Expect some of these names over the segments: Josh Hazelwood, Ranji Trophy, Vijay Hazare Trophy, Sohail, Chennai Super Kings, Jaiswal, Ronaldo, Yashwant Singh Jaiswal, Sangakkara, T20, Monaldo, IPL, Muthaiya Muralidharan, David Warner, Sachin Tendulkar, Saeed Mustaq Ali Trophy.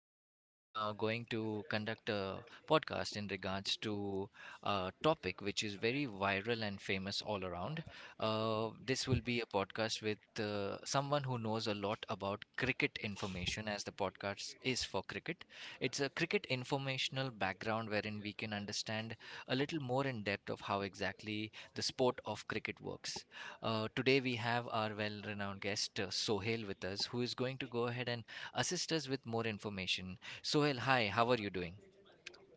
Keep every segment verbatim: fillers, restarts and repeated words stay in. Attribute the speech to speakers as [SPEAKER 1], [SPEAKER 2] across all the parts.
[SPEAKER 1] uh, right now going to conduct a podcast in regards to a topic which is very viral and famous all around. Uh, this will be a podcast with uh, someone who knows a lot about cricket information, as the podcast is for cricket. It's a cricket informational background wherein we can understand a little more in depth of how exactly the sport of cricket works. Uh, today we have our well-renowned guest uh, Sohail with us, who is going to go ahead and assist us with more information. Sohail, hi, how are you doing?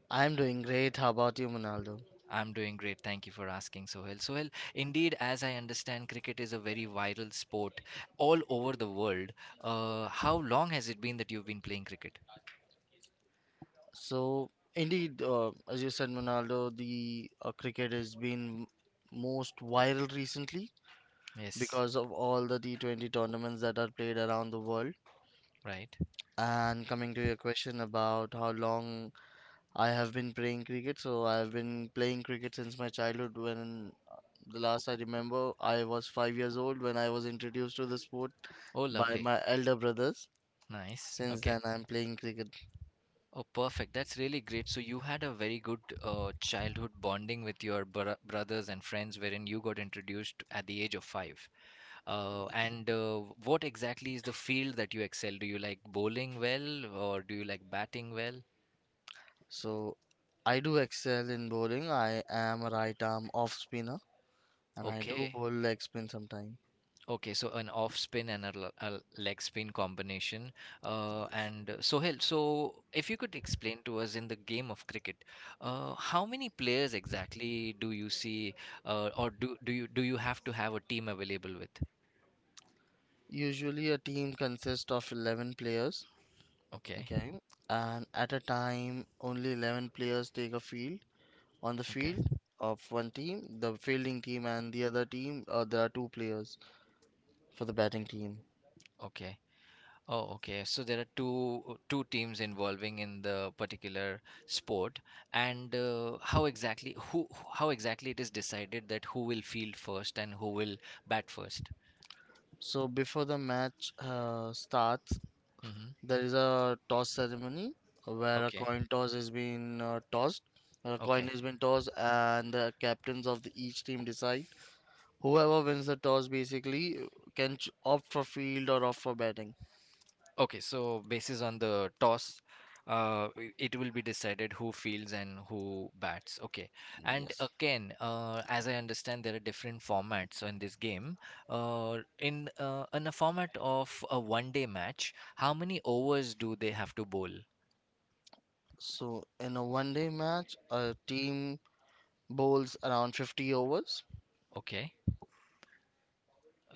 [SPEAKER 2] I'm doing great. How about you, Monaldo?
[SPEAKER 1] I'm doing great. Thank you for asking, Sohail. Sohail, indeed, as I understand, cricket is a very viral sport all over the world. Uh, how long has it been that you've been playing cricket?
[SPEAKER 2] So, indeed, uh, as you said, Monaldo, the uh, cricket has been most viral recently
[SPEAKER 1] Yes,
[SPEAKER 2] because of all the T twenty tournaments that are played around the world.
[SPEAKER 1] right.
[SPEAKER 2] And coming to your question about how long I have been playing cricket, so I have been playing cricket since my childhood when the last I remember I was five years old when I was introduced to the sport
[SPEAKER 1] Oh,
[SPEAKER 2] by
[SPEAKER 1] lovely.
[SPEAKER 2] my elder brothers.
[SPEAKER 1] Nice.
[SPEAKER 2] Since
[SPEAKER 1] Okay.
[SPEAKER 2] then, I'm playing cricket.
[SPEAKER 1] Oh, perfect. That's really great. So you had a very good uh, childhood bonding with your br brothers and friends, wherein you got introduced at the age of five. Uh, and uh, What exactly is the field that you excel? Do you like bowling well, or do you like batting well?
[SPEAKER 2] So I do excel in bowling. I am a right arm off spinner, and I do
[SPEAKER 1] Okay.
[SPEAKER 2] bowl leg spin sometimes.
[SPEAKER 1] Okay, so an off spin and a, l- a leg spin combination. Uh,
[SPEAKER 2] Yes.
[SPEAKER 1] and uh, Sohail, so if you could explain to us in the game of cricket, uh, how many players exactly do you see, uh, or do, do you do you have to have a team available with?
[SPEAKER 2] Usually a team consists of eleven players,
[SPEAKER 1] Okay,
[SPEAKER 2] okay? And at a time only eleven players take a field. On the
[SPEAKER 1] okay,
[SPEAKER 2] field of one team, the fielding team, and the other team, uh, there are two players for the batting team.
[SPEAKER 1] okay. Oh, okay. So there are two two teams involving in the particular sport, and uh, how exactly who how exactly it is decided that who will field first and who will bat first.
[SPEAKER 2] So before the match uh, starts,
[SPEAKER 1] Mm-hmm.
[SPEAKER 2] there is a toss ceremony where a
[SPEAKER 1] Okay.
[SPEAKER 2] coin toss is being uh, tossed. A coin
[SPEAKER 1] Okay.
[SPEAKER 2] has been tossed, and the captains of the, each team decide. Whoever wins the toss basically uh, can ch- opt for field or opt for batting.
[SPEAKER 1] Okay. So basis on the toss, uh, i- it will be decided who fields and who bats. Okay. And
[SPEAKER 2] Yes.
[SPEAKER 1] again, uh, as I understand, there are different formats in this game. Uh, in uh, in a format of a one-day match, how many overs do they have to bowl?
[SPEAKER 2] So in a one-day match, a team bowls around fifty overs.
[SPEAKER 1] Okay.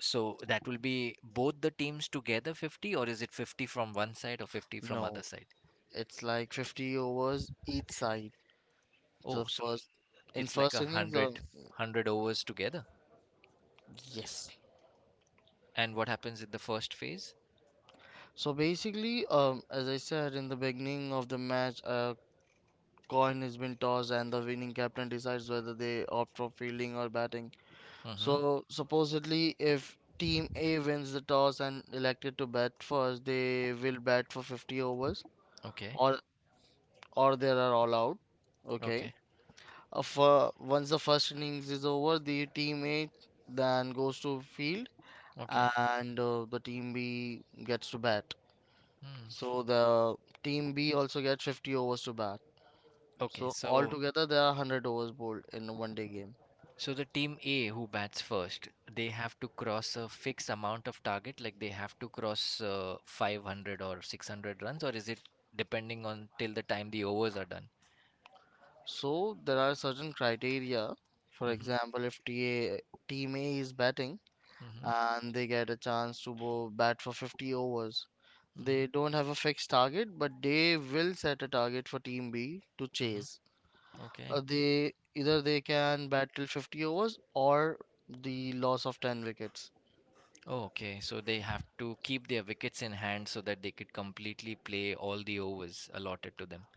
[SPEAKER 1] So that will be both the teams together fifty, or is it fifty from one side or fifty from other
[SPEAKER 2] No,
[SPEAKER 1] side?
[SPEAKER 2] it's like fifty overs each side.
[SPEAKER 1] Oh,
[SPEAKER 2] So
[SPEAKER 1] so
[SPEAKER 2] first, in
[SPEAKER 1] it's like
[SPEAKER 2] first
[SPEAKER 1] a
[SPEAKER 2] innings,
[SPEAKER 1] hundred
[SPEAKER 2] uh,
[SPEAKER 1] hundred overs together.
[SPEAKER 2] yes.
[SPEAKER 1] And what happens in the first phase?
[SPEAKER 2] So basically, um, as I said in the beginning of the match, uh, coin has been tossed, and the winning captain decides whether they opt for fielding or batting.
[SPEAKER 1] Mm-hmm.
[SPEAKER 2] So supposedly if team A wins the toss and elected to bat first, they will bat for fifty overs
[SPEAKER 1] Okay.
[SPEAKER 2] or or they are all out. Okay.
[SPEAKER 1] Okay.
[SPEAKER 2] Uh, for, once the first innings is over, the team A then goes to field,
[SPEAKER 1] Okay.
[SPEAKER 2] and uh, the team B gets to bat.
[SPEAKER 1] Hmm.
[SPEAKER 2] So the team B also gets fifty overs to bat.
[SPEAKER 1] Okay.
[SPEAKER 2] So
[SPEAKER 1] So,
[SPEAKER 2] altogether there are one hundred overs bowled in a one day game.
[SPEAKER 1] so the team A who bats first, they have to cross a fixed amount of target, like they have to cross uh, five hundred or six hundred runs, or is it depending on till the time the overs are done?
[SPEAKER 2] So there are certain criteria. For
[SPEAKER 1] Mm-hmm.
[SPEAKER 2] example, if T A, team A is batting,
[SPEAKER 1] Mm-hmm.
[SPEAKER 2] and they get a chance to bo- bat for fifty overs,
[SPEAKER 1] Mm-hmm.
[SPEAKER 2] they don't have a fixed target, but they will set a target for team B to chase.
[SPEAKER 1] Mm-hmm. Okay.
[SPEAKER 2] Uh, they either they can bat till fifty overs or the loss of ten wickets.
[SPEAKER 1] Oh, okay. So they have to keep their wickets in hand so that they could completely play all the overs allotted to them.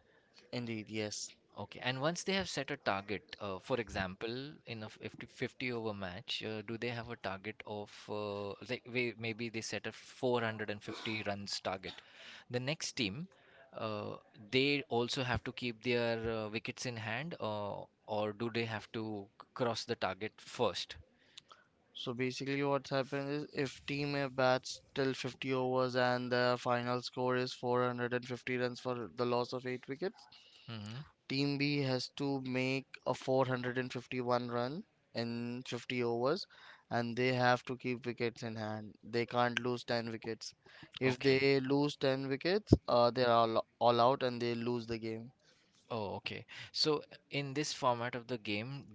[SPEAKER 2] Indeed, yes.
[SPEAKER 1] Okay, and once they have set a target, uh, for example, in a fifty, fifty over match, uh, do they have a target of uh, like may- maybe they set a four hundred fifty runs target? The next team, uh, they also have to keep their uh, wickets in hand, uh, or do they have to c- cross the target first.
[SPEAKER 2] So basically, what's happened is if team A bats till fifty overs and their final score is four hundred fifty runs for the loss of eight wickets,
[SPEAKER 1] Mm-hmm.
[SPEAKER 2] team B has to make a four hundred fifty-one run in fifty overs, and they have to keep wickets in hand. They can't lose ten wickets. If
[SPEAKER 1] Okay.
[SPEAKER 2] they lose ten wickets, uh, they're all, all out and they lose the game.
[SPEAKER 1] Oh, okay. So in this format of the game,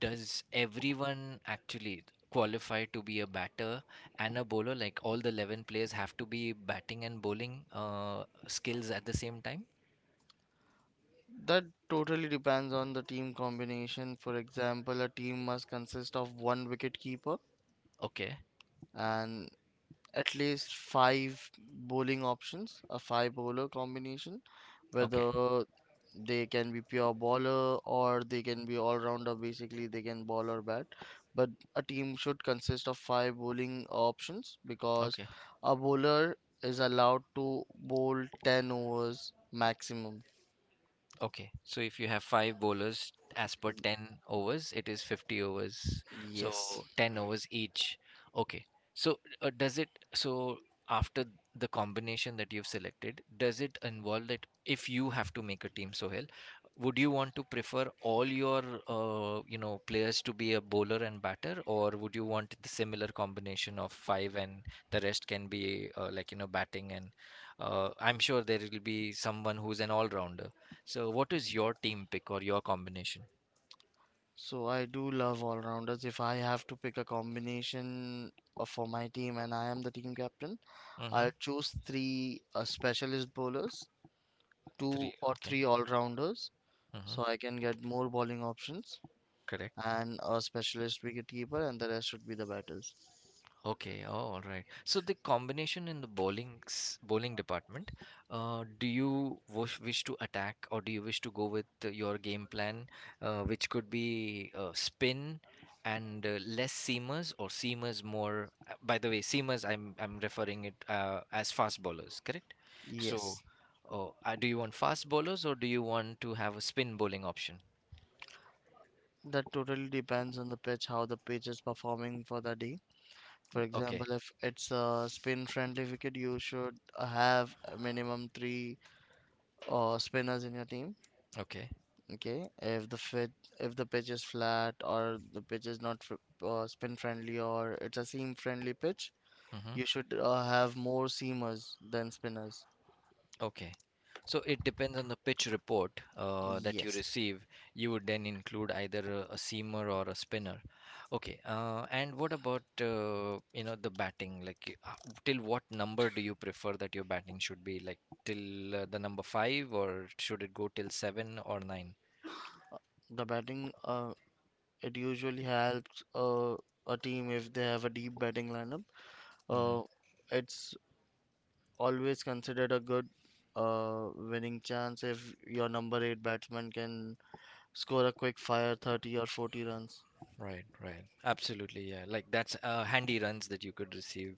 [SPEAKER 1] does everyone actually qualify to be a batter and a bowler? Like all the eleven players have to be batting and bowling uh, skills at the same time?
[SPEAKER 2] That totally depends on the team combination. For example, a team must consist of one wicket keeper
[SPEAKER 1] Okay,
[SPEAKER 2] and at least five bowling options, a five bowler combination,
[SPEAKER 1] okay,
[SPEAKER 2] whether they can be pure bowler or they can be all rounder. Basically, they can bowl or bat. But a team should consist of five bowling options because
[SPEAKER 1] okay.
[SPEAKER 2] a bowler is allowed to bowl ten overs maximum.
[SPEAKER 1] Okay, so if you have five bowlers as per ten overs, it is fifty overs.
[SPEAKER 2] Yes.
[SPEAKER 1] So ten overs each. Okay. So uh, does it, so after the combination that you've selected, does it involve that if you have to make a team, Sohail, would you want to prefer all your, uh, you know, players to be a bowler and batter, or would you want the similar combination of five and the rest can be uh, like, you know, batting and uh, I'm sure there will be someone who's an all-rounder. So, what is your team pick or your combination?
[SPEAKER 2] So I do love all rounders. If I have to pick a combination of- for my team and I am the team captain, I'll
[SPEAKER 1] Mm-hmm.
[SPEAKER 2] choose three uh, specialist bowlers,
[SPEAKER 1] Three.
[SPEAKER 2] two or
[SPEAKER 1] Okay.
[SPEAKER 2] three all rounders,
[SPEAKER 1] Mm-hmm.
[SPEAKER 2] so I can get more bowling options,
[SPEAKER 1] Correct.
[SPEAKER 2] and a specialist wicketkeeper, and the rest should be the batters.
[SPEAKER 1] Okay. Oh, all right. So the combination in the bowling s- bowling department, uh, do you wish wish to attack or do you wish to go with uh, your game plan, uh, which could be uh, spin and uh, less seamers or seamers more? uh, By the way, seamers I'm I'm referring it uh, as fast bowlers, correct? So,
[SPEAKER 2] Yes,
[SPEAKER 1] oh, uh, do you want fast bowlers or do you want to have a spin bowling option?
[SPEAKER 2] that totally depends on the pitch, how the pitch is performing for the day. For
[SPEAKER 1] Okay.
[SPEAKER 2] example, if it's a spin friendly wicket, you should have a minimum three uh, spinners in your team.
[SPEAKER 1] Okay.
[SPEAKER 2] Okay, if the fit, if the pitch is flat or the pitch is not fr- uh, spin friendly, or it's a seam friendly pitch,
[SPEAKER 1] Hmm.
[SPEAKER 2] you should uh, have more seamers than spinners.
[SPEAKER 1] Okay. So it depends on the pitch report uh, that you
[SPEAKER 2] Yes,
[SPEAKER 1] receive. You would then include either a, a seamer or a spinner. Okay. Uh, and what about uh, you know the batting? Like y- uh, till what number do you prefer that your batting should be? Like till uh, the number five, or should it go till seven or nine?
[SPEAKER 2] the batting uh, it usually helps uh, a team if they have a deep batting lineup.
[SPEAKER 1] Mhm.
[SPEAKER 2] Uh, it's always considered a good uh, winning chance if your number eight batsman can score a quick fire thirty or forty runs.
[SPEAKER 1] Right, right. Absolutely, yeah. Like that's uh, handy runs that you could receive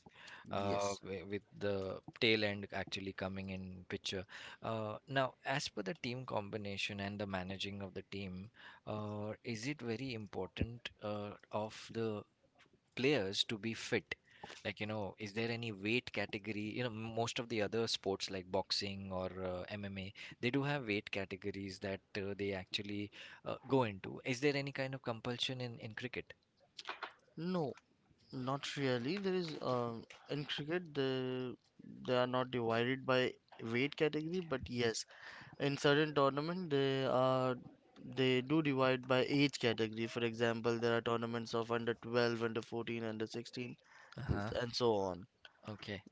[SPEAKER 1] uh,
[SPEAKER 2] Yes.
[SPEAKER 1] wi- with the tail end actually coming in picture. Uh, now, as per the team combination and the managing of the team, uh, is it very important uh, of the players to be fit? Like, you know, is there any weight category? You know, m- most of the other sports like boxing or uh, M M A, they do have weight categories that uh, they actually uh, go into. Is there any kind of compulsion in, in cricket?
[SPEAKER 2] No, not really. There is um in cricket the they are not divided by weight category, but yes, in certain tournament, they are they do divide by age category. For example, there are tournaments of under twelve, under fourteen, under sixteen,
[SPEAKER 1] Uh-huh.
[SPEAKER 2] and so on.
[SPEAKER 1] Okay.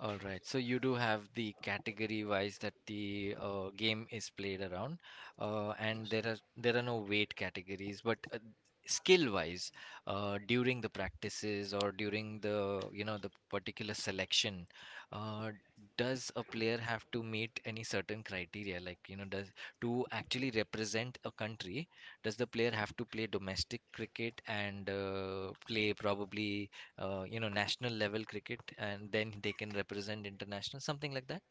[SPEAKER 1] All right. So you do have the category wise that the uh, game is played around, uh, and
[SPEAKER 2] Yes.
[SPEAKER 1] there are there are no weight categories, but uh, skill wise, uh, during the practices or during the you know the particular selection, uh, does a player have to meet any certain criteria? Like you know, does to actually represent a country, does the player have to play domestic cricket and uh, play probably? Uh, you know, national level cricket, and then they can represent international, something like that.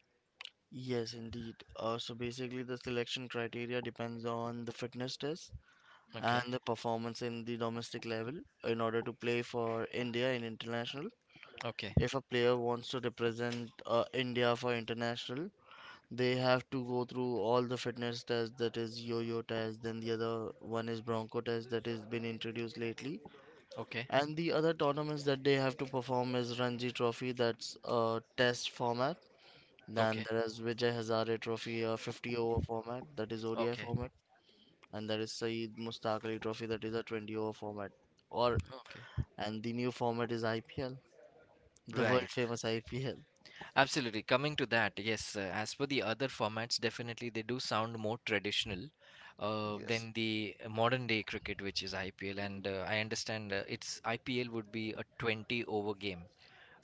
[SPEAKER 2] Yes, indeed. Uh, so basically, the selection criteria depends on the fitness test
[SPEAKER 1] Okay,
[SPEAKER 2] and the performance in the domestic level in order to play for India in international.
[SPEAKER 1] okay,
[SPEAKER 2] If a player wants to represent uh, India for international, they have to go through all the fitness tests, that is yo-yo test, then the other one is bronco test that has been introduced lately.
[SPEAKER 1] okay,
[SPEAKER 2] And the other tournaments that they have to perform is Ranji Trophy, that's a test format. Then
[SPEAKER 1] okay,
[SPEAKER 2] there is Vijay Hazare Trophy, a fifty over format, that is O D I
[SPEAKER 1] okay,
[SPEAKER 2] format. And there is Saeed Mustaq Ali Trophy, that is a twenty over format. Or
[SPEAKER 1] okay.
[SPEAKER 2] And the new format is I P L, the world
[SPEAKER 1] Right,
[SPEAKER 2] famous I P L.
[SPEAKER 1] absolutely. Coming to that, yes, uh, as for the other formats, definitely they do sound more traditional uh,
[SPEAKER 2] Yes.
[SPEAKER 1] than the modern day cricket, which is I P L. And uh, I understand uh, it's I P L would be a twenty over game,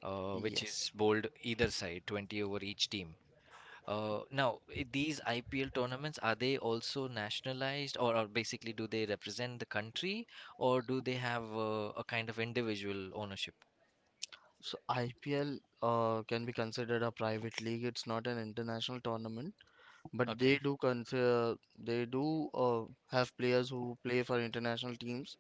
[SPEAKER 1] uh, which is
[SPEAKER 2] Yes.
[SPEAKER 1] bowled either side, twenty over each team. Uh, now, i- these I P L tournaments, are they also nationalized or, or basically do they represent the country or do they have uh, a kind of individual ownership?
[SPEAKER 2] So I P L uh, can be considered a private league. It's not an international tournament, but they
[SPEAKER 1] Okay,
[SPEAKER 2] do consider they do uh, have players who play for international teams,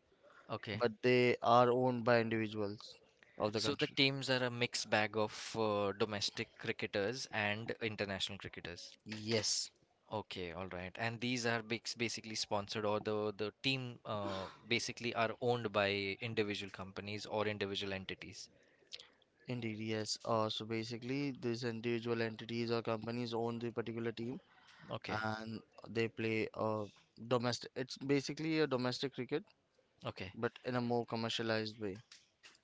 [SPEAKER 1] okay.
[SPEAKER 2] but they are owned by individuals of the
[SPEAKER 1] So the
[SPEAKER 2] country.
[SPEAKER 1] teams are a mixed bag of uh, domestic cricketers and international cricketers.
[SPEAKER 2] Yes,
[SPEAKER 1] Okay, all right. And these are bas- basically sponsored or the, the team uh, basically are owned by individual companies or individual entities.
[SPEAKER 2] indeed, yes. Uh, so basically, these individual entities or companies own the particular team,
[SPEAKER 1] Okay,
[SPEAKER 2] and they play uh, domestic. It's basically a domestic cricket,
[SPEAKER 1] okay.
[SPEAKER 2] but in a more commercialized way.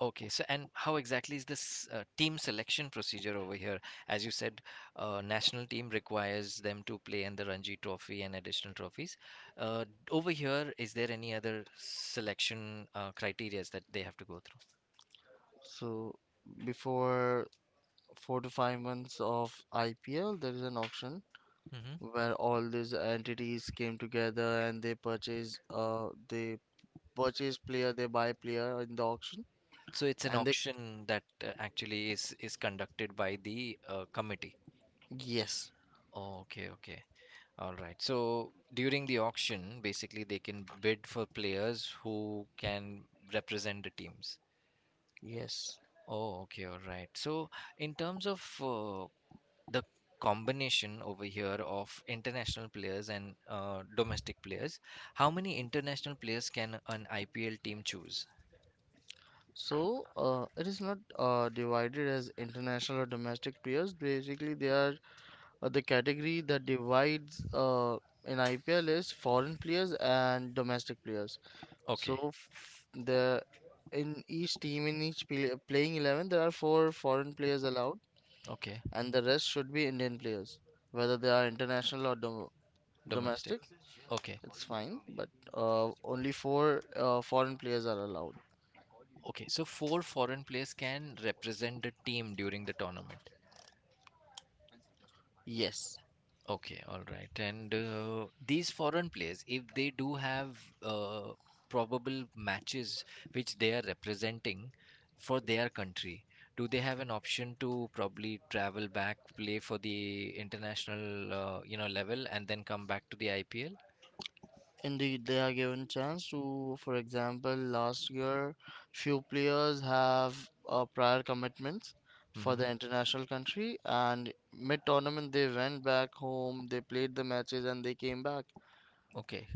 [SPEAKER 1] Okay, so and how exactly is this uh, team selection procedure over here? As you said, uh, national team requires them to play in the Ranji Trophy and additional trophies. Uh, Over here, is there any other selection uh, criterias that they have to go through?
[SPEAKER 2] So before four to five months of I P L, there is an auction
[SPEAKER 1] Hmm.
[SPEAKER 2] where all these entities came together and they purchase uh they purchase player, they buy player in the auction
[SPEAKER 1] So it's an
[SPEAKER 2] and they
[SPEAKER 1] auction that uh, actually is is conducted by the uh, committee.
[SPEAKER 2] yes,
[SPEAKER 1] Okay, okay. All right. So during the auction, basically they can bid for players who can represent the teams.
[SPEAKER 2] yes.
[SPEAKER 1] Oh, okay, all right. So, in terms of uh, the combination over here of international players and uh, domestic players, how many international players can an I P L team choose?
[SPEAKER 2] So uh, it is not uh, divided as international or domestic players. Basically, they are uh, the category that divides uh, in I P L is foreign players and domestic players.
[SPEAKER 1] Okay,
[SPEAKER 2] So f- the in each team in each play, playing eleven, there are four foreign players allowed
[SPEAKER 1] okay,
[SPEAKER 2] and the rest should be Indian players, whether they are international or dom-
[SPEAKER 1] domestic.
[SPEAKER 2] domestic,
[SPEAKER 1] Okay,
[SPEAKER 2] it's fine, but uh, only four uh, foreign players are allowed.
[SPEAKER 1] okay. So, four foreign players can represent the team during the tournament.
[SPEAKER 2] Yes,
[SPEAKER 1] Okay, all right. And uh, these foreign players, if they do have uh, probable matches which they are representing for their country, do they have an option to probably travel back, play for the international, uh, you know, level, and then come back to the I P L?
[SPEAKER 2] indeed, they are given chance to. For example, last year few players have uh, prior commitments for
[SPEAKER 1] Mm-hmm.
[SPEAKER 2] the international country, and mid tournament they went back home, they played the matches, and they came back
[SPEAKER 1] Okay.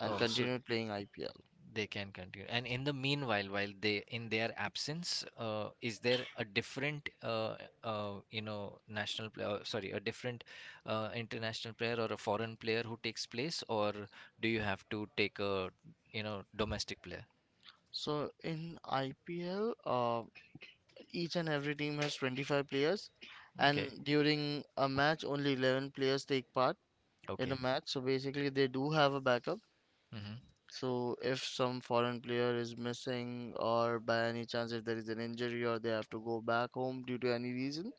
[SPEAKER 2] and
[SPEAKER 1] Oh, so
[SPEAKER 2] continue playing I P L.
[SPEAKER 1] they can continue. And in the meanwhile, while they in their absence, uh, is there a different, uh, uh, you know, national player? uh, Sorry, a different uh, international player or a foreign player who takes place, or do you have to take a, you know, domestic player?
[SPEAKER 2] So in I P L, uh, each and every team has twenty-five players,
[SPEAKER 1] Okay,
[SPEAKER 2] and during a match, only eleven players take part in
[SPEAKER 1] okay.
[SPEAKER 2] a match. So basically, they do have a backup.
[SPEAKER 1] Mm-hmm.
[SPEAKER 2] So if some foreign player is missing, or by any chance, if there is an injury, or they have to go back home due to any reason,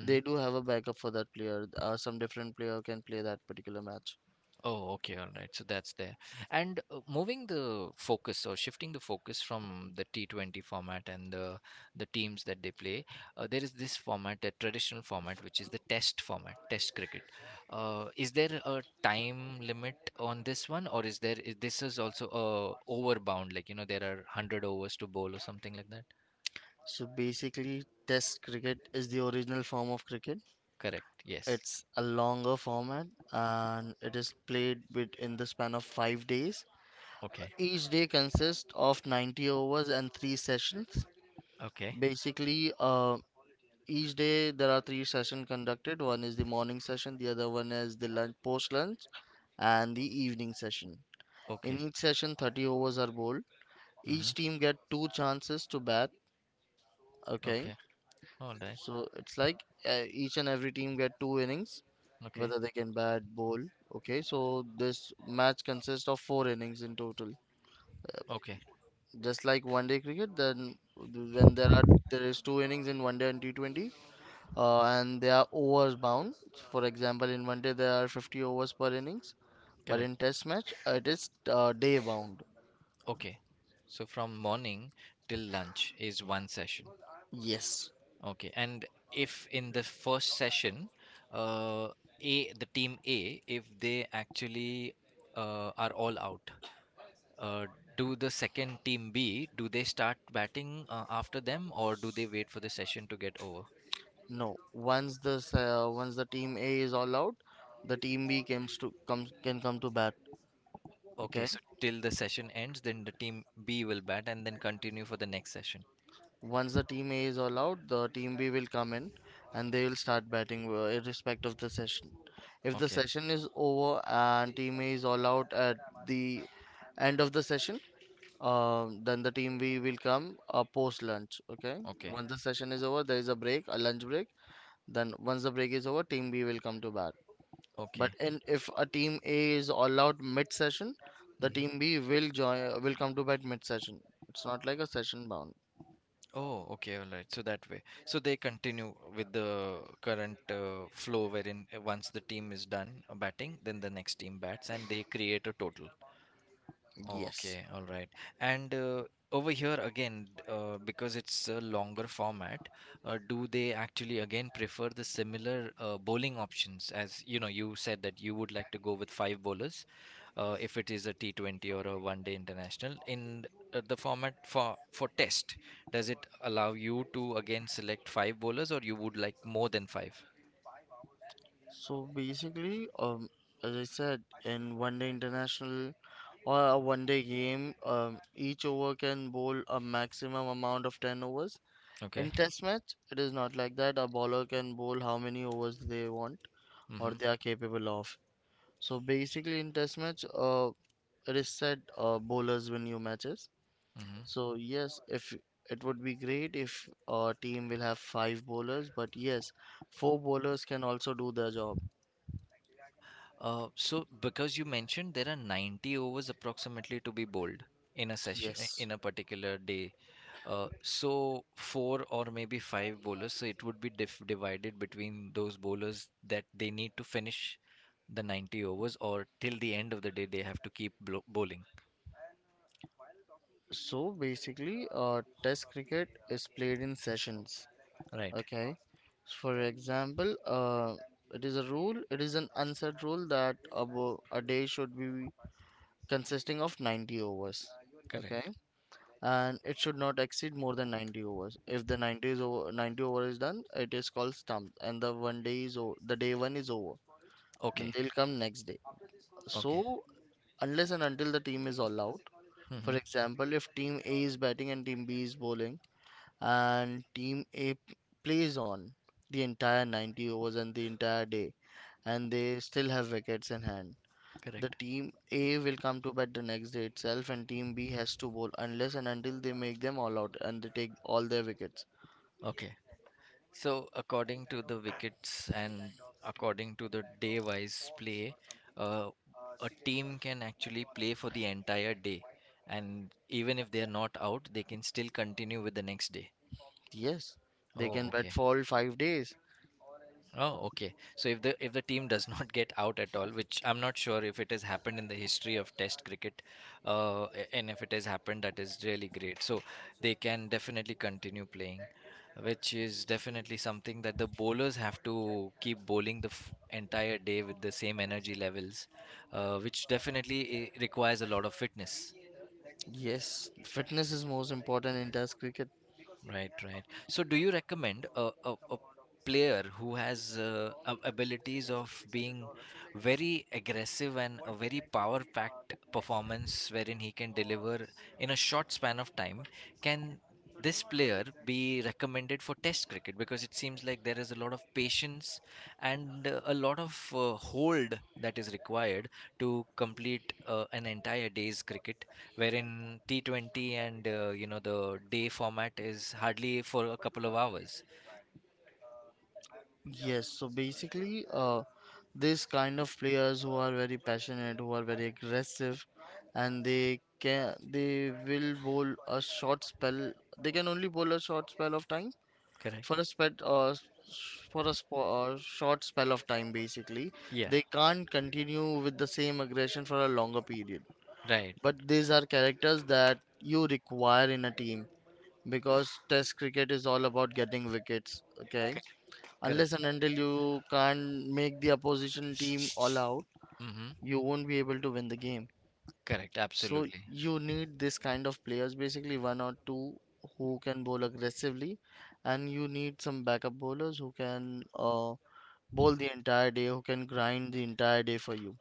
[SPEAKER 2] they do have a backup for that player. Uh, some different player can play that particular match.
[SPEAKER 1] Oh, okay, all right. So that's there. And uh, moving the focus or shifting the focus from the T twenty format and the the teams that they play, uh, there is this format, the traditional format, which is the test format, test cricket. Uh, is there a time limit on this one, or is there is, this is also a over bound, like you know there are one hundred overs to bowl or something like that?
[SPEAKER 2] So basically, test cricket is the original form of cricket.
[SPEAKER 1] Correct. Yes.
[SPEAKER 2] It's a longer format and it is played within the span of five days.
[SPEAKER 1] Okay.
[SPEAKER 2] Each day consists of ninety overs and three sessions.
[SPEAKER 1] Okay.
[SPEAKER 2] Basically, uh, each day there are three sessions conducted. One is the morning session, the other one is the lunch, post lunch, and the evening session. In
[SPEAKER 1] Okay.
[SPEAKER 2] each session, thirty overs are bowled.
[SPEAKER 1] Mm-hmm.
[SPEAKER 2] Each team get two chances to bat. Okay,
[SPEAKER 1] Okay. All right.
[SPEAKER 2] so it's like uh, each and every team get two innings,
[SPEAKER 1] Okay.
[SPEAKER 2] whether they can bat, bowl. Okay, so this match consists of four innings in total.
[SPEAKER 1] Okay.
[SPEAKER 2] Just like one day cricket, then when there are there is two innings in one day and T twenty, uh, and they are overs bound. For example, in one day there are fifty overs per innings, but
[SPEAKER 1] Correct.
[SPEAKER 2] in test match uh, it is uh, day bound.
[SPEAKER 1] Okay. So from morning till lunch is one session.
[SPEAKER 2] Yes,
[SPEAKER 1] Okay. And if in the first session, uh, A, the team A, if they actually uh, are all out, uh, do the second team B, do they start batting uh, after them or do they wait for the session to get over?
[SPEAKER 2] no. Once the uh, once the team A is all out, the team B comes to comes can come to bat.
[SPEAKER 1] Okay.
[SPEAKER 2] Okay.
[SPEAKER 1] So till the session ends, then the team B will bat and then continue for the next session.
[SPEAKER 2] Once the team A is all out, the team B will come in and they will start batting, uh, irrespective of the session. If the
[SPEAKER 1] Okay.
[SPEAKER 2] session is over and team A is all out at the end of the session, um, then the team B will come uh, post lunch. Okay,
[SPEAKER 1] Okay.
[SPEAKER 2] once the session is over, there is a break, a lunch break. Then once the break is over, team B will come to bat. But
[SPEAKER 1] Okay.
[SPEAKER 2] in, if a team A is all out mid session, the
[SPEAKER 1] Mhm.
[SPEAKER 2] team B will join uh, will come to bat mid session. It's not like a session bound.
[SPEAKER 1] Oh, okay, all right. So that way, so they continue with the current uh, flow wherein uh, once the team is done uh, batting, then the next team bats and they create a total.
[SPEAKER 2] Yes.
[SPEAKER 1] Okay, all right. And uh, over here again, d- uh, because it's a longer format, uh, do they actually again prefer the similar uh, bowling options? As you know, you said that you would like to go with five bowlers, uh, if it is a T twenty or a one day international in uh, the format for for test, does it allow you to again select five bowlers, or you would like more than five?
[SPEAKER 2] So basically, um, as I said, in one day international or a one day game, um, each over can bowl a maximum amount of ten overs.
[SPEAKER 1] Okay.
[SPEAKER 2] In test match, it is not like that. A bowler can bowl how many overs they want
[SPEAKER 1] Mm-hmm.
[SPEAKER 2] or they are capable of. So basically, in test match, uh, it is said uh, bowlers win new matches.
[SPEAKER 1] Mm-hmm.
[SPEAKER 2] So yes, if it would be great if a team will have five bowlers, but yes, four bowlers can also do their job.
[SPEAKER 1] Uh, so because you mentioned there are ninety overs approximately to be bowled in a session, uh,
[SPEAKER 2] Yes.
[SPEAKER 1] in a particular day, uh, so four or maybe five bowlers, so it would be dif- divided between those bowlers that they need to finish the ninety overs, or till the end of the day they have to keep blo- bowling.
[SPEAKER 2] So basically, uh, test cricket is played in sessions.
[SPEAKER 1] Right,
[SPEAKER 2] Okay. For example, uh, it is a rule, it is an unsaid rule that a, wo- a day should be consisting of ninety overs. Okay.
[SPEAKER 1] correct.
[SPEAKER 2] And it should not exceed more than ninety overs. If the ninety is over, ninety over is done, it is called stump and the one day is o the day one is over. Then
[SPEAKER 1] Okay,
[SPEAKER 2] they'll come next day.
[SPEAKER 1] okay.
[SPEAKER 2] So unless and until the team is all out,
[SPEAKER 1] Mm-hmm.
[SPEAKER 2] for example, if team A is batting and team B is bowling, and Team A p- plays on the entire ninety overs and the entire day, and they still have wickets in hand. The
[SPEAKER 1] Correct.
[SPEAKER 2] team A will come to bat the next day itself, and team B has to bowl unless and until they make them all out and they take all their wickets.
[SPEAKER 1] Okay. So according to the wickets and according to the day-wise play, uh, a team can actually play for the entire day, and even if they are not out, they can still continue with the next day.
[SPEAKER 2] Yes, they
[SPEAKER 1] Oh,
[SPEAKER 2] can
[SPEAKER 1] okay.
[SPEAKER 2] bat for all five days.
[SPEAKER 1] Oh, okay. So if the if the team does not get out at all, which I'm not sure if it has happened in the history of Test cricket, uh, a- and if it has happened, that is really great. So they can definitely continue playing, which is definitely something that the bowlers have to keep bowling the f entire day with the same energy levels, uh, which definitely eh, requires a lot of fitness.
[SPEAKER 2] Yes, fitness is most important in Test cricket.
[SPEAKER 1] Right, right. So, do you recommend a, a, a player who has uh, ab- abilities of being very aggressive and a very power-packed performance wherein he can deliver in a short span of time? Can this player be recommended for test cricket? Because it seems like there is a lot of patience and uh, a lot of uh, hold that is required to complete uh, an entire day's cricket wherein T twenty and uh, you know the day format is hardly for a couple of hours.
[SPEAKER 2] Yes, so basically, uh, this kind of players who are very passionate, who are very aggressive, and they can they will bowl a short spell. They can only bowl a short spell of time
[SPEAKER 1] Correct.
[SPEAKER 2] for a spell uh, s- for a spo- uh, short spell of time. Basically,
[SPEAKER 1] Yeah.
[SPEAKER 2] they can't continue with the same aggression for a longer period.
[SPEAKER 1] Right.
[SPEAKER 2] But these are characters that you require in a team because Test cricket is all about getting wickets. Okay.
[SPEAKER 1] Correct. Correct.
[SPEAKER 2] Unless and until you can't make the opposition team all out,
[SPEAKER 1] Mm-hmm.
[SPEAKER 2] you won't be able to win the game.
[SPEAKER 1] Correct.
[SPEAKER 2] So
[SPEAKER 1] Absolutely.
[SPEAKER 2] you need this kind of players, basically one or two who can bowl aggressively, and you need some backup bowlers who can uh, bowl the entire day, who can grind the entire day for you.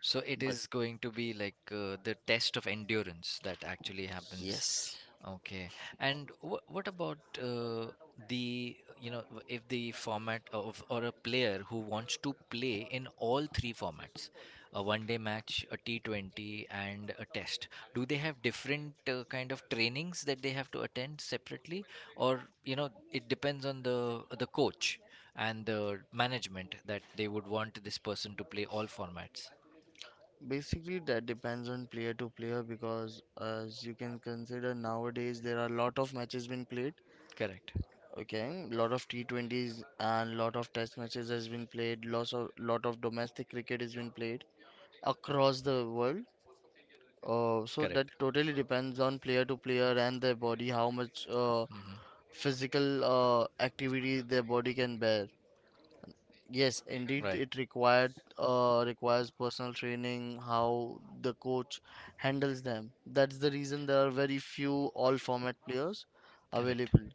[SPEAKER 1] So it
[SPEAKER 2] But
[SPEAKER 1] is going to be like uh, the test of endurance that actually happens.
[SPEAKER 2] yes,
[SPEAKER 1] Okay. And wh- what about uh, the, you know, w- if the format of, or a player who wants to play in all three formats, a one day match, a T twenty, and a test, do they have different uh, kind of trainings that they have to attend separately, or, you know, it depends on the the coach and the management that they would want this person to play all formats.
[SPEAKER 2] basically that depends on player to player because as you can consider, nowadays there are a lot of matches being played.
[SPEAKER 1] Correct.
[SPEAKER 2] Okay, lot of T twenties and lot of test matches has been played. Lots of lot of domestic cricket has been played across the world. Uh, so that
[SPEAKER 1] Correct.
[SPEAKER 2] totally depends on player to player and their body, how much uh,
[SPEAKER 1] Hmm.
[SPEAKER 2] physical uh, activity their body can bear. Yes, indeed,
[SPEAKER 1] Right.
[SPEAKER 2] it required uh, requires personal training, how the coach handles them. That's the reason there are very few all format players
[SPEAKER 1] Correct.
[SPEAKER 2] available.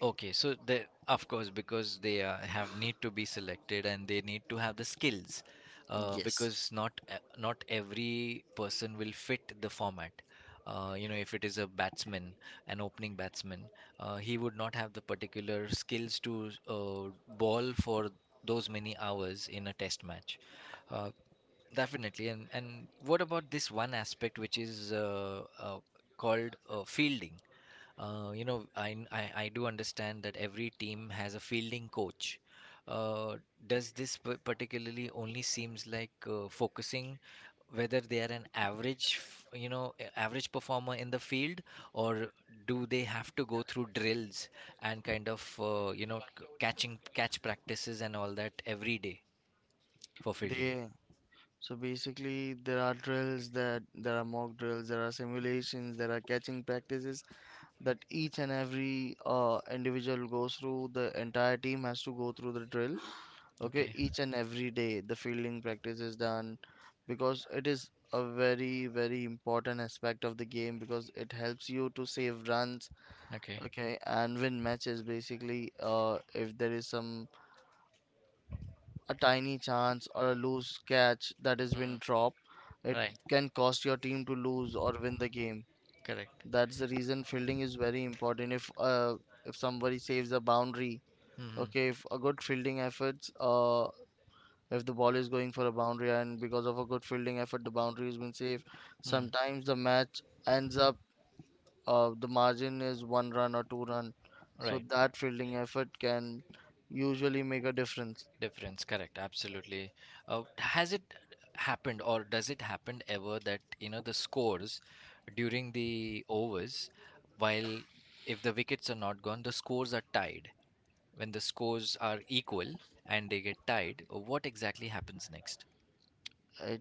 [SPEAKER 1] Okay, so they, of course, because they uh, have need to be selected and they need to have the skills, uh,
[SPEAKER 2] Yes,
[SPEAKER 1] because not e- not every person will fit the format. Uh, you know, if it is a batsman, an opening batsman, uh, he would not have the particular skills to uh, ball for those many hours in a test match. Uh, Definitely. And and what about this one aspect which is uh, uh, called uh, fielding? Uh, you know, I I I do understand that every team has a fielding coach. Uh, does this p- particularly only seems like uh, focusing whether they are an average, f- you know, a- average performer in the field, or do they have to go through drills and kind of, uh, you know, c- catching catch practices and all that every day for fielding?
[SPEAKER 2] they. So basically, there are drills that there are mock drills, there are simulations, there are catching practices that each and every uh, individual goes through. The entire team has to go through the drill. Okay,
[SPEAKER 1] Okay,
[SPEAKER 2] each and every day the fielding practice is done because it is a very, very important aspect of the game because it helps you to save runs.
[SPEAKER 1] okay,
[SPEAKER 2] Okay, and win matches basically. Uh, if there is some a tiny chance or a loose catch that has been
[SPEAKER 1] hmm,
[SPEAKER 2] dropped, it
[SPEAKER 1] right,
[SPEAKER 2] can cost your team to lose or win the game.
[SPEAKER 1] correct.
[SPEAKER 2] That's the reason fielding is very important. If uh, if somebody saves a boundary,
[SPEAKER 1] Mm-hmm.
[SPEAKER 2] okay, if a good fielding efforts, uh, if the ball is going for a boundary and because of a good fielding effort, the boundary has been saved.
[SPEAKER 1] Mm,
[SPEAKER 2] Sometimes the match ends up, uh, the margin is one run or two run, so
[SPEAKER 1] right.
[SPEAKER 2] that fielding effort can usually make a difference.
[SPEAKER 1] Difference, correct, absolutely. Uh, has it happened or does it happen ever that you know the scores during the overs, while if the wickets are not gone, the scores are tied? When the scores are equal and they get tied, what exactly happens next?
[SPEAKER 2] I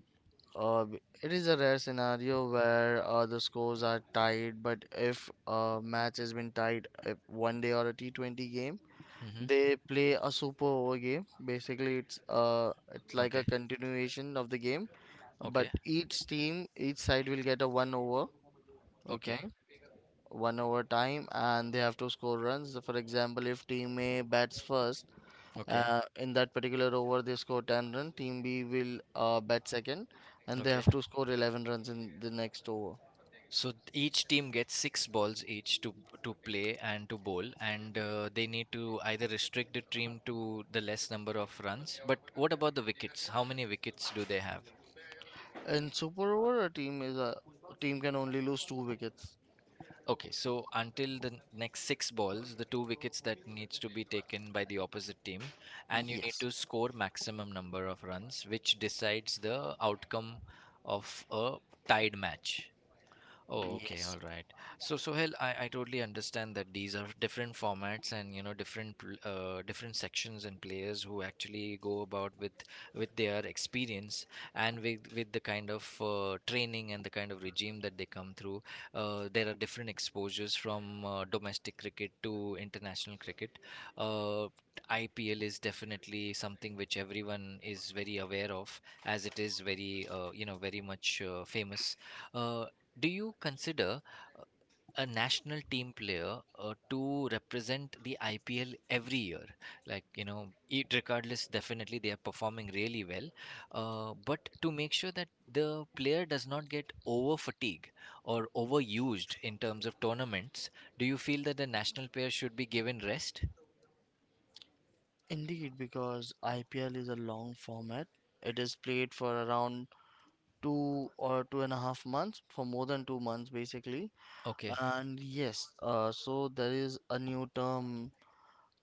[SPEAKER 2] Uh, it is a rare scenario where uh, the scores are tied, but if a match has been tied, if one day or a T twenty game,
[SPEAKER 1] Mm-hmm.
[SPEAKER 2] they play a super over game. Basically, it's uh, it's like a
[SPEAKER 1] Okay,
[SPEAKER 2] continuation of the game, but
[SPEAKER 1] okay,
[SPEAKER 2] each team, each side will get a one over,
[SPEAKER 1] okay,
[SPEAKER 2] okay, one over time, and they have to score runs. For example, if team A bats first,
[SPEAKER 1] okay,
[SPEAKER 2] uh, in that particular over, they score ten runs. Team B will uh, bat second, and they
[SPEAKER 1] okay.
[SPEAKER 2] have to score eleven runs in the next over.
[SPEAKER 1] So each team gets six balls each to to play and to bowl, and uh, they need to either restrict the team to the less number of runs. But what about the wickets? How many wickets do they have?
[SPEAKER 2] In super over, a team is a, a team can only lose two wickets.
[SPEAKER 1] Okay, so until the next six balls, the two wickets that needs to be taken by the opposite team, and you need
[SPEAKER 2] Yes,
[SPEAKER 1] to score maximum number of runs, which decides the outcome of a tied match. Oh, okay,
[SPEAKER 2] yes,
[SPEAKER 1] all right. So, Sohail, I, I totally understand that these are different formats, and you know different pl- uh, different sections and players who actually go about with with their experience and with with the kind of uh, training and the kind of regime that they come through. Uh, there are different exposures from uh, domestic cricket to international cricket. Uh, I P L is definitely something which everyone is very aware of, as it is very uh, you know very much uh, famous. Uh, do you consider uh, a national team player uh, to represent the I P L every year? Like, you know, it, regardless, definitely they are performing really well. Uh, but to make sure that the player does not get over fatigue or overused in terms of tournaments, do you feel that the national player should be given rest?
[SPEAKER 2] indeed, because I P L is a long format. It is played for around two or two and a half months, for more than two months basically.
[SPEAKER 1] Okay.
[SPEAKER 2] And yes, uh, so there is a new term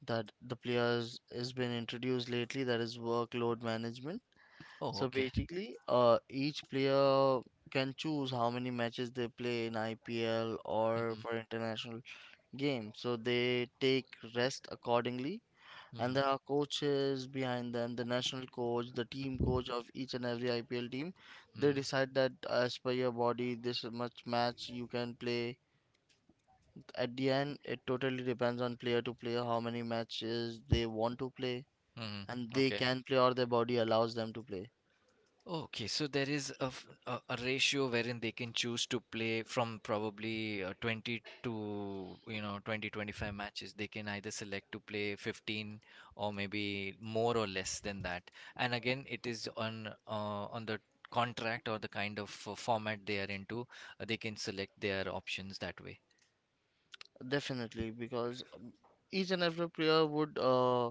[SPEAKER 2] that the players has been introduced lately, that is workload management.
[SPEAKER 1] Oh,
[SPEAKER 2] So
[SPEAKER 1] okay.
[SPEAKER 2] basically, uh, each player can choose how many matches they play in I P L or
[SPEAKER 1] Mm-hmm.
[SPEAKER 2] for international games. So they take rest accordingly. And
[SPEAKER 1] Mm-hmm.
[SPEAKER 2] there are coaches behind them, the national coach, the team coach of each and every I P L team. They
[SPEAKER 1] Mm-hmm.
[SPEAKER 2] decide that as per your body, this much match you can play. At the end, it totally depends on player to player how many matches they want to play and
[SPEAKER 1] Mm-hmm.
[SPEAKER 2] they
[SPEAKER 1] Okay.
[SPEAKER 2] can play or their body allows them to play.
[SPEAKER 1] Okay, so there is a, f- a, a ratio wherein they can choose to play from probably uh, twenty to you know twenty twenty five matches. They can either select to play fifteen, or maybe more or less than that. And again, it is on uh, on the contract or the kind of uh, format they are into. Uh, they can select their options that way.
[SPEAKER 2] Definitely, because um, each and every player would uh,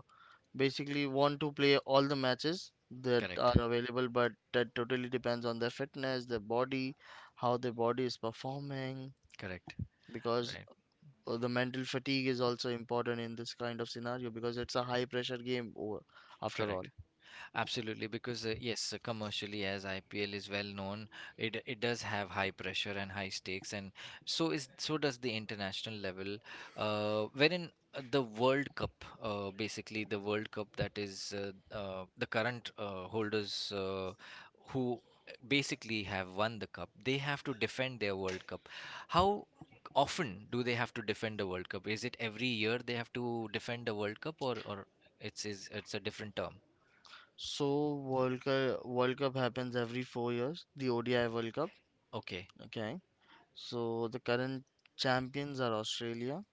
[SPEAKER 2] basically want to play all the matches that
[SPEAKER 1] Correct.
[SPEAKER 2] are available, but that totally depends on their fitness, their body, how their body is performing,
[SPEAKER 1] Correct.
[SPEAKER 2] because
[SPEAKER 1] Right.
[SPEAKER 2] uh, the mental fatigue is also important in this kind of scenario because it's a high pressure game over, after all.
[SPEAKER 1] Correct. Absolutely, because uh, yes, uh, commercially as I P L is well known, it it does have high pressure and high stakes, and so is so does the international level. Uh, wherein uh, the World Cup, uh, basically the World Cup that is uh, uh, the current uh, holders uh, who basically have won the cup, they have to defend their World Cup. How often do they have to defend the World Cup? Is it every year they have to defend the World Cup, or or it's is it's a different term?
[SPEAKER 2] So World Cup, World Cup happens every four years, the O D I World Cup.
[SPEAKER 1] Okay.
[SPEAKER 2] Okay, so the current champions are Australia.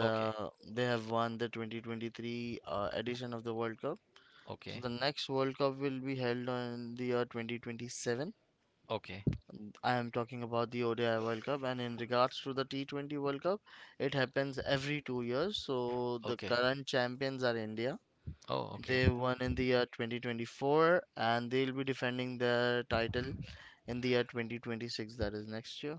[SPEAKER 1] Okay,
[SPEAKER 2] they have won the two thousand twenty-three uh, edition of the World Cup. So
[SPEAKER 1] okay,
[SPEAKER 2] the next World Cup will be held on the year twenty twenty-seven.
[SPEAKER 1] okay,
[SPEAKER 2] I am talking about the O D I World Cup, and in regards to the T twenty World Cup, it happens every two years. So the
[SPEAKER 1] okay.
[SPEAKER 2] current champions are India.
[SPEAKER 1] Oh, okay.
[SPEAKER 2] They won in the year twenty twenty-four, and they'll be defending their title in the year twenty twenty-six. That is next year.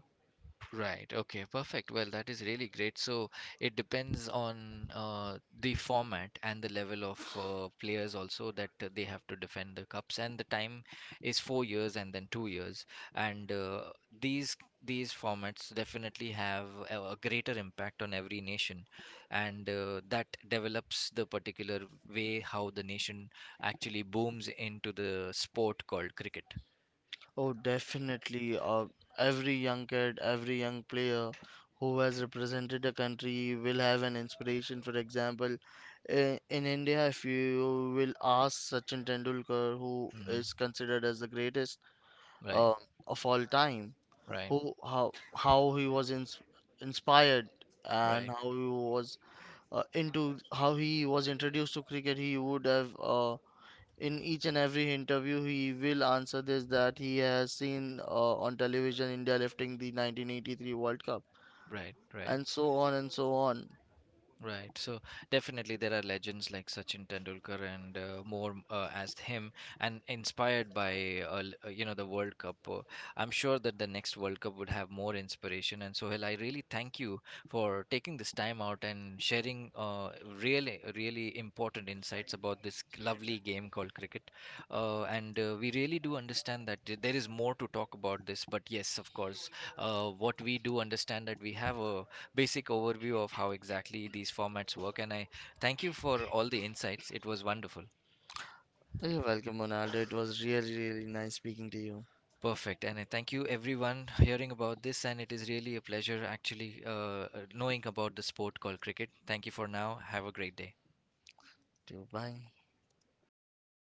[SPEAKER 1] Right. Okay, perfect. Well, that is really great. So it depends on uh, the format and the level of uh, players also, that uh, they have to defend the cups, and the time is four years and then two years. And uh, these these formats definitely have a, a greater impact on every nation, and uh, that develops the particular way how the nation actually booms into the sport called cricket.
[SPEAKER 2] Oh, definitely. Uh, every young kid, every young player who has represented a country will have an inspiration. For example, in, in India, if you will ask Sachin Tendulkar, who
[SPEAKER 1] Mhm.
[SPEAKER 2] is considered as the greatest
[SPEAKER 1] Right,
[SPEAKER 2] uh, of all time,
[SPEAKER 1] right,
[SPEAKER 2] who how how he was ins inspired and
[SPEAKER 1] right,
[SPEAKER 2] how he was uh, into how he was introduced to cricket, he would have uh, in each and every interview he will answer this, that he has seen uh, on television India lifting the nineteen eighty-three World Cup
[SPEAKER 1] right, right.
[SPEAKER 2] and so on and so on.
[SPEAKER 1] Right. So definitely there are legends like Sachin Tendulkar and uh, more uh, as him, and inspired by uh, l- uh, you know the World Cup. Uh, I'm sure that the next World Cup would have more inspiration, and Sohail, I really thank you for taking this time out and sharing uh, really really important insights about this lovely game called cricket. Uh, and uh, We really do understand that th- there is more to talk about this, but yes, of course, uh, what we do understand that we have a basic overview of how exactly these formats work. And I thank you for all the insights. It was wonderful.
[SPEAKER 2] You're welcome, Ronaldo. It was really, really nice speaking to you.
[SPEAKER 1] Perfect. And I thank you, everyone, hearing about this. And it is really a pleasure actually uh, uh, knowing about the sport called cricket. Thank you for now. Have a great day.
[SPEAKER 2] Too. Bye.